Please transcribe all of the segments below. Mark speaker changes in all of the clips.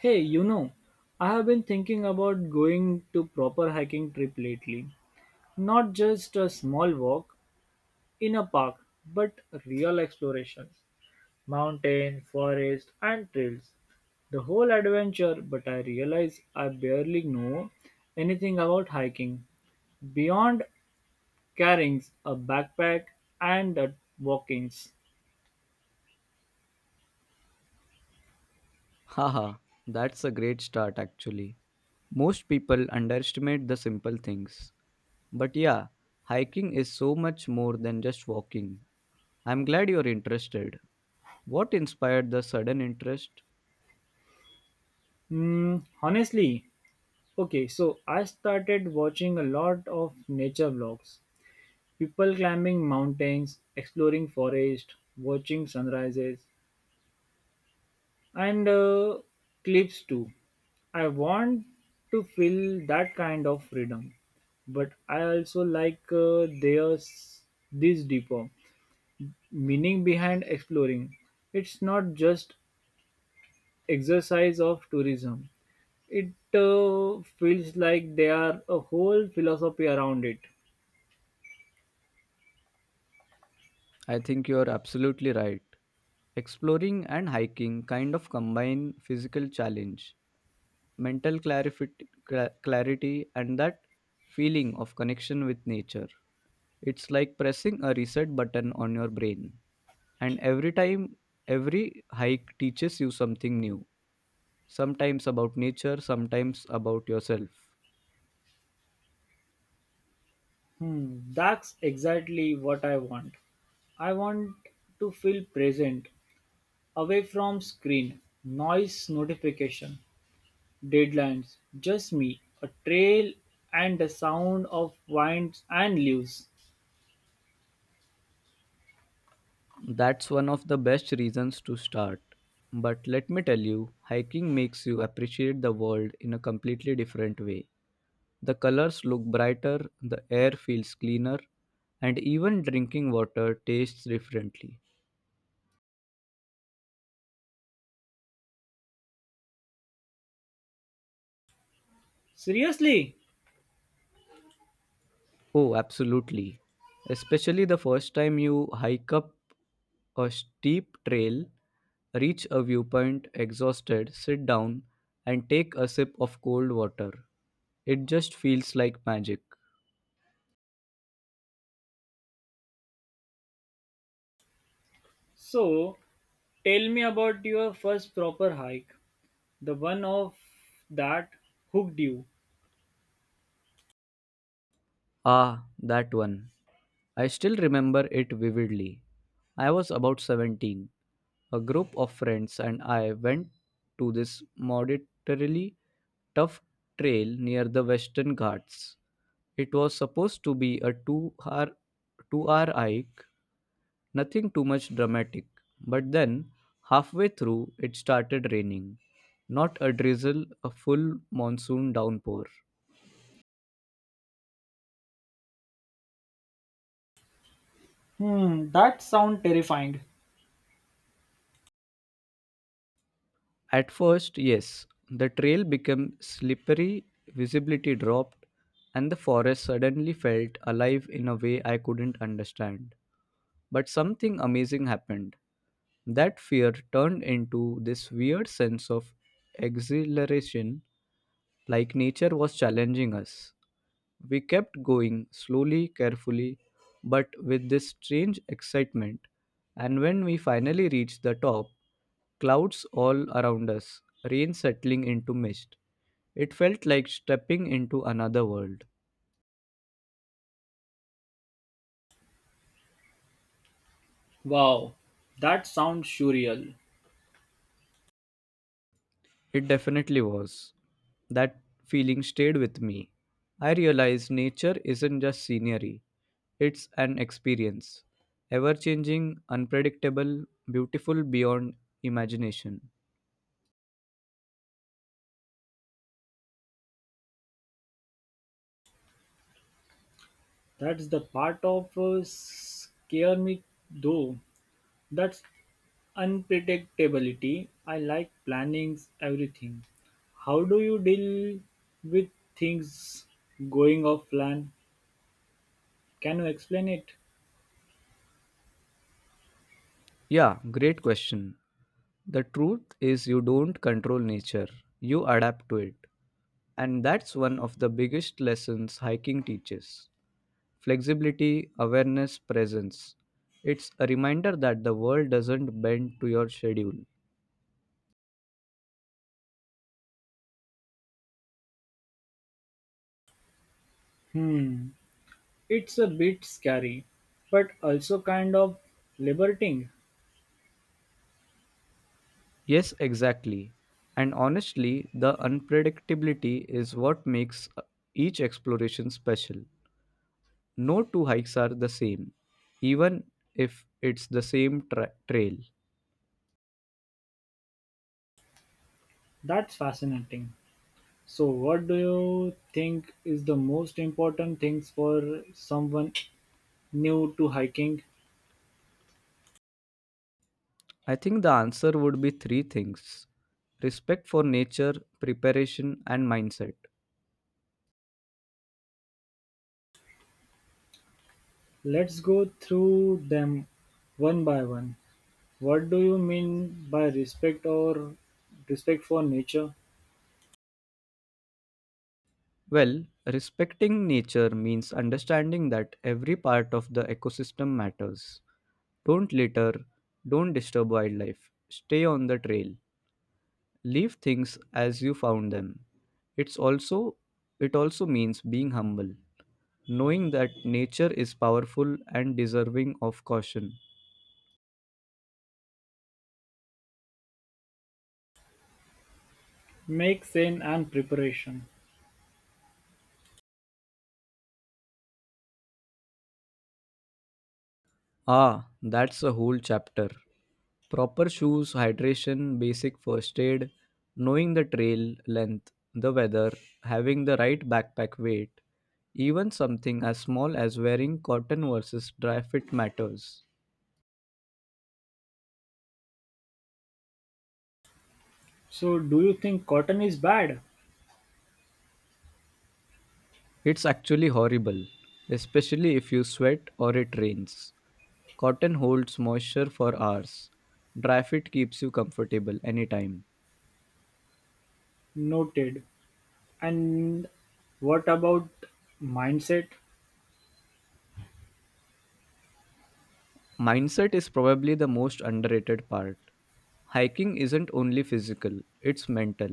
Speaker 1: Hey, you know, I have been thinking about going to proper hiking trip lately. Not just a small walk in a park, but real exploration. Mountain, forest and trails. The whole adventure, but I realize I barely know anything about hiking beyond carrying a backpack and the walkings.
Speaker 2: Haha, that's a great start actually. Most people underestimate the simple things. But yeah, hiking is so much more than just walking. I'm glad you're interested. What inspired the sudden interest?
Speaker 1: Hmm, honestly, okay, so I started watching a lot of nature vlogs. People climbing mountains, exploring forests, watching sunrises, and cliffs too. I want to feel that kind of freedom, but I also like there's this deeper meaning behind exploring. It's not just exercise of tourism. It feels like there are a whole philosophy around it.
Speaker 2: I think you're absolutely right. Exploring and hiking kind of combine physical challenge, mental clarity, and that feeling of connection with nature. It's like pressing a reset button on your brain. And every time, every hike teaches you something new, sometimes about nature, sometimes about yourself.
Speaker 1: That's exactly what I want. I want to feel present, away from screen, noise, notification, deadlines, just me, a trail and the sound of winds and leaves.
Speaker 2: That's one of the best reasons to start. But let me tell you, hiking makes you appreciate the world in a completely different way. The colors look brighter, the air feels cleaner, and even drinking water tastes differently.
Speaker 1: Seriously?
Speaker 2: Oh, absolutely. Especially the first time you hike up a steep trail, reach a viewpoint exhausted, sit down, and take a sip of cold water. It just feels like magic.
Speaker 1: So, tell me about your first proper hike, the one of that hooked you.
Speaker 2: Ah, that one. I still remember it vividly. I was about 17. A group of friends and I went to this moderately tough trail near the Western Ghats. It was supposed to be a two hour hike, nothing too much dramatic. But then, halfway through, it started raining. Not a drizzle, a full monsoon downpour.
Speaker 1: Hmm, that sound terrifying.
Speaker 2: At first, yes, the trail became slippery, visibility dropped, and the forest suddenly felt alive in a way I couldn't understand. But something amazing happened. That fear turned into this weird sense of exhilaration, like nature was challenging us. We kept going, slowly, carefully, but with this strange excitement. And when we finally reached the top, clouds all around us, rain settling into mist. It felt like stepping into another world.
Speaker 1: Wow, that sounds surreal.
Speaker 2: It definitely was. That feeling stayed with me. I realized nature isn't just scenery, it's an experience. Ever changing, unpredictable, beautiful beyond imagination.
Speaker 1: That's the part of scare me though. That's unpredictability. I like planning everything. How do you deal with things going off plan? Can you explain it?
Speaker 2: Yeah, great question. The truth is, you don't control nature, you adapt to it. And that's one of the biggest lessons hiking teaches: flexibility, awareness, presence. It's a reminder that the world doesn't bend to your schedule.
Speaker 1: Hmm, it's a bit scary, but also kind of liberating.
Speaker 2: Yes, exactly. And honestly, the unpredictability is what makes each exploration special. No two hikes are the same, even if it's the same trail.
Speaker 1: That's fascinating. So, what do you think is the most important things for someone new to hiking?
Speaker 2: I think the answer would be three things: respect for nature, preparation, and mindset.
Speaker 1: Let's go through them one by one. What do you mean by respect or respect for nature?
Speaker 2: Well, respecting nature means understanding that every part of the ecosystem matters. Don't litter, don't disturb wildlife, stay on the trail, leave things as you found them. It's also it also means being humble, knowing that nature is powerful and deserving of caution.
Speaker 1: Make sense and preparation.
Speaker 2: Ah, that's a whole chapter. Proper shoes, hydration, basic first aid, knowing the trail length, the weather, having the right backpack weight, even something as small as wearing cotton versus dry fit matters.
Speaker 1: So, do you think cotton is bad?
Speaker 2: It's actually horrible, especially if you sweat or it rains. Cotton holds moisture for hours. Dry fit keeps you comfortable anytime.
Speaker 1: Noted. And what about mindset?
Speaker 2: Mindset is probably the most underrated part. Hiking isn't only physical, it's mental.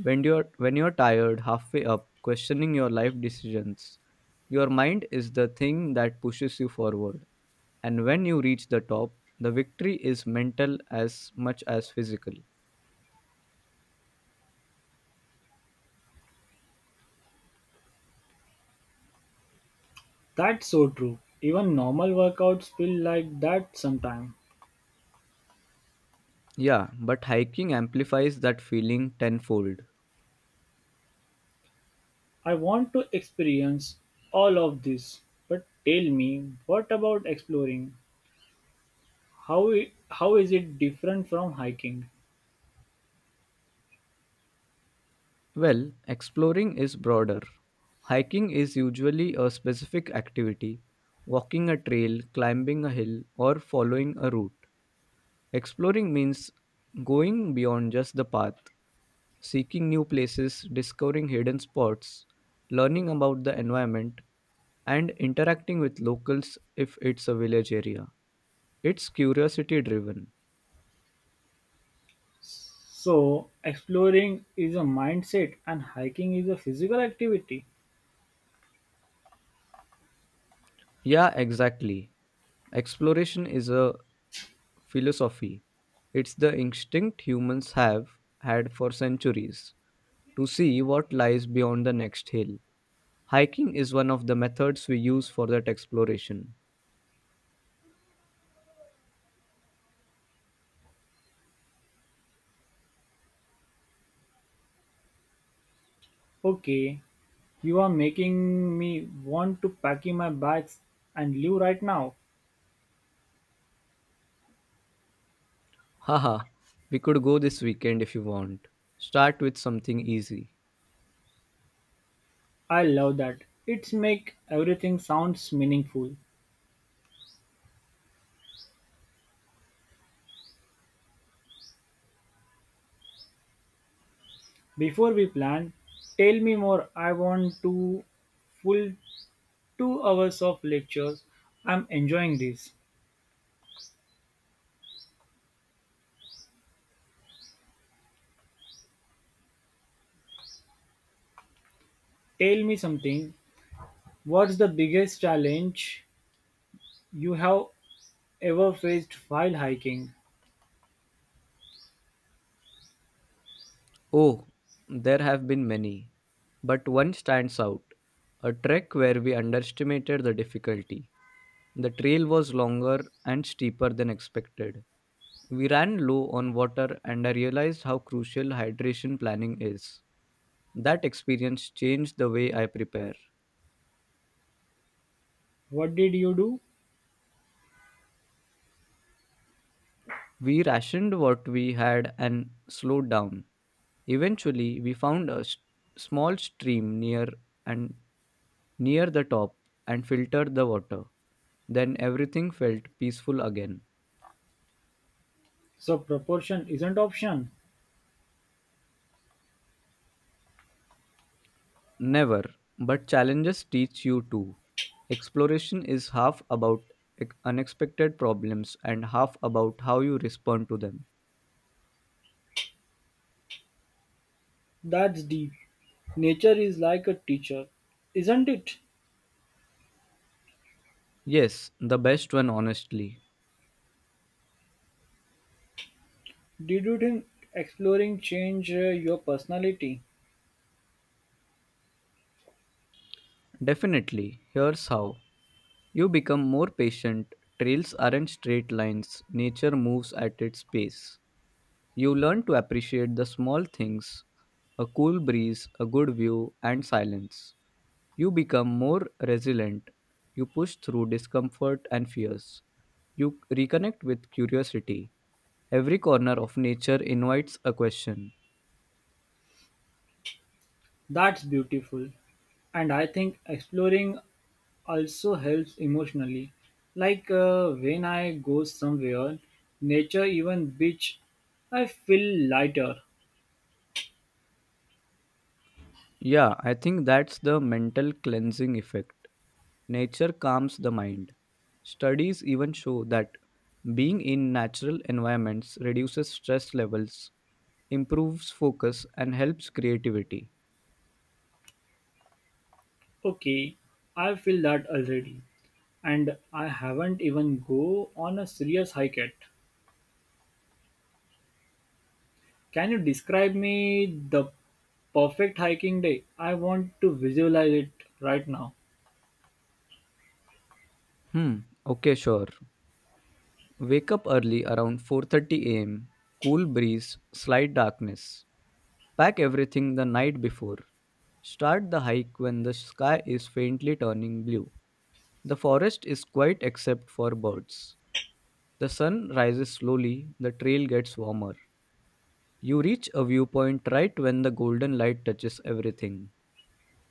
Speaker 2: When you're tired halfway up, questioning your life decisions, your mind is the thing that pushes you forward. And when you reach the top, the victory is mental as much as physical.
Speaker 1: That's so true. Even normal workouts feel like that sometimes.
Speaker 2: Yeah, but hiking amplifies that feeling tenfold.
Speaker 1: I want to experience all of this, but tell me, what about exploring? How, how is it different from hiking?
Speaker 2: Well, exploring is broader. Hiking is usually a specific activity, walking a trail, climbing a hill, or following a route. Exploring means going beyond just the path, seeking new places, discovering hidden spots, learning about the environment, and interacting with locals if it's a village area. It's curiosity driven.
Speaker 1: So, exploring is a mindset and hiking is a physical activity.
Speaker 2: Yeah, exactly. Exploration is a philosophy. It's the instinct humans have had for centuries to see what lies beyond the next hill. Hiking is one of the methods we use for that exploration.
Speaker 1: Okay, you are making me want to pack in my bags and leave right now.
Speaker 2: Haha, we could go this weekend if you want. Start with something easy.
Speaker 1: I love that. It's make everything sounds meaningful. Before we plan, tell me more. I want to full 2 hours of lectures. I'm enjoying this. Tell me something. What's the biggest challenge you have ever faced while hiking?
Speaker 2: Oh, there have been many, but one stands out: a trek where we underestimated the difficulty. The trail was longer and steeper than expected. We ran low on water and I realized how crucial hydration planning is. That experience changed the way I prepare.
Speaker 1: What did you do?
Speaker 2: We rationed what we had and slowed down. Eventually, we found a small stream and near the top and filtered the water. Then everything felt peaceful again.
Speaker 1: So proportion isn't option.
Speaker 2: Never, but challenges teach you too. Exploration is half about unexpected problems and half about how you respond to them.
Speaker 1: That's deep. Nature is like a teacher, isn't it?
Speaker 2: Yes, the best one, honestly.
Speaker 1: Did you think exploring change your personality?
Speaker 2: Definitely. Here's how: you become more patient. Trails aren't straight lines, nature moves at its pace. You learn to appreciate the small things: a cool breeze, a good view, and silence. You become more resilient. You push through discomfort and fears. You reconnect with curiosity. Every corner of nature invites a question.
Speaker 1: That's beautiful. And I think exploring also helps emotionally. Like when I go somewhere, nature even beach, I feel lighter.
Speaker 2: Yeah, I think that's the mental cleansing effect. Nature calms the mind. Studies even show that being in natural environments reduces stress levels, improves focus and helps creativity.
Speaker 1: Okay, I feel that already. And I haven't even go on a serious hike yet. Can you describe me the perfect hiking day? I want to visualize it right now.
Speaker 2: Hmm, okay, sure. Wake up early around 4:30 a.m. Cool breeze, slight darkness. Pack everything the night before. Start the hike when the sky is faintly turning blue. The forest is quiet except for birds. The sun rises slowly, the trail gets warmer. You reach a viewpoint right when the golden light touches everything.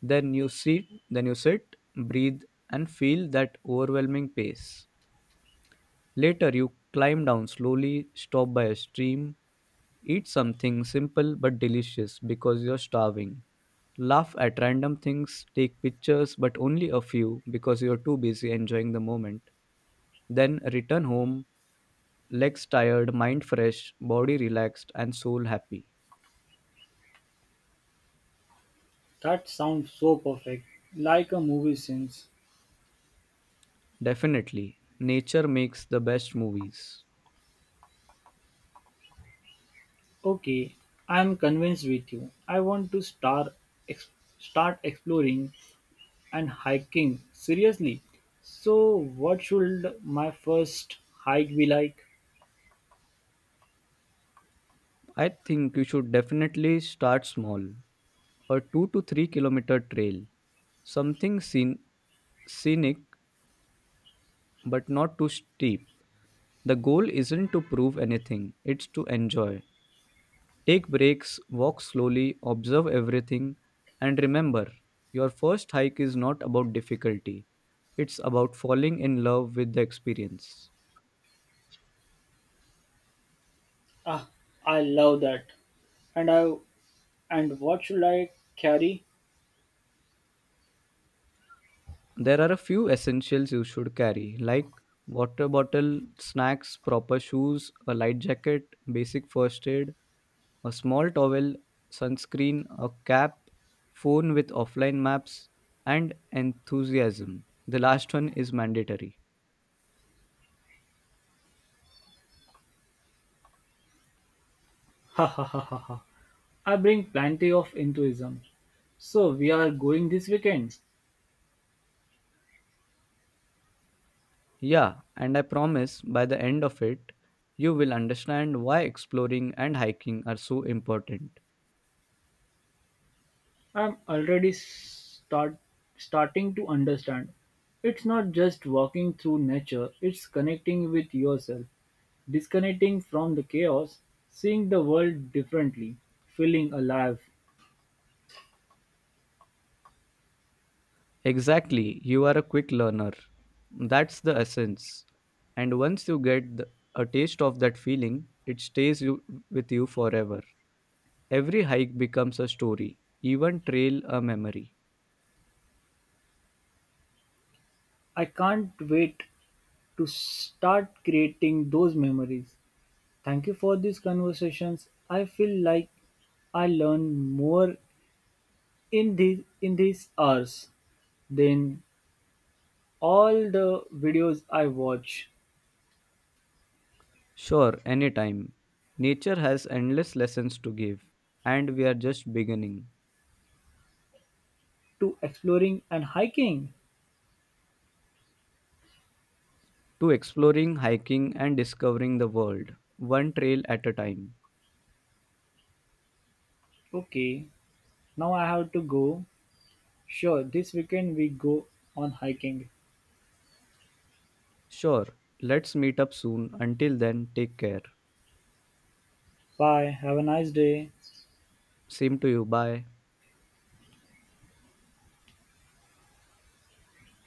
Speaker 2: Then you sit, breathe, and feel that overwhelming pace. Later you climb down slowly, stop by a stream, eat something simple but delicious because you're starving. Laugh at random things, take pictures but only a few because you're too busy enjoying the moment. Then return home, legs tired, mind fresh, body relaxed, and soul happy.
Speaker 1: That sounds so perfect, like a movie scene.
Speaker 2: Definitely. Nature makes the best movies.
Speaker 1: Okay, I am convinced with you. I want to ex- start exploring and hiking seriously. So, what should my first hike be like?
Speaker 2: I think you should definitely start small. A 2 to 3 kilometer trail. Something scenic but not too steep. The goal isn't to prove anything, it's to enjoy. Take breaks, walk slowly, observe everything, and remember, your first hike is not about difficulty, it's about falling in love with the experience.
Speaker 1: Ah, I love that. And I and what should I carry?
Speaker 2: There are a few essentials you should carry, like water bottle, snacks, proper shoes, a light jacket, basic first aid, a small towel, sunscreen, a cap, phone with offline maps, and enthusiasm. The last one is mandatory.
Speaker 1: Ha ha ha ha ha. I bring plenty of enthusiasm. So we are going this weekend.
Speaker 2: Yeah, and I promise by the end of it, you will understand why exploring and hiking are so important.
Speaker 1: I'm already starting to understand. It's not just walking through nature, it's connecting with yourself, disconnecting from the chaos, seeing the world differently, feeling alive.
Speaker 2: Exactly, you are a quick learner. That's the essence. And once you get a taste of that feeling, it stays with you forever. Every hike becomes a story, even trail a memory.
Speaker 1: I can't wait to start creating those memories. Thank you for these conversations. I feel like I learn more in these hours then all the videos I watch
Speaker 2: Sure, anytime. Nature has endless lessons to give, and we are just beginning
Speaker 1: to exploring and hiking.
Speaker 2: to exploring, hiking, and discovering the world, one trail at a time.
Speaker 1: Okay, now I have to go. Sure, this weekend we go on hiking.
Speaker 2: Sure, let's meet up soon. Until then, take care.
Speaker 1: Bye, have a nice day.
Speaker 2: Same to you. Bye.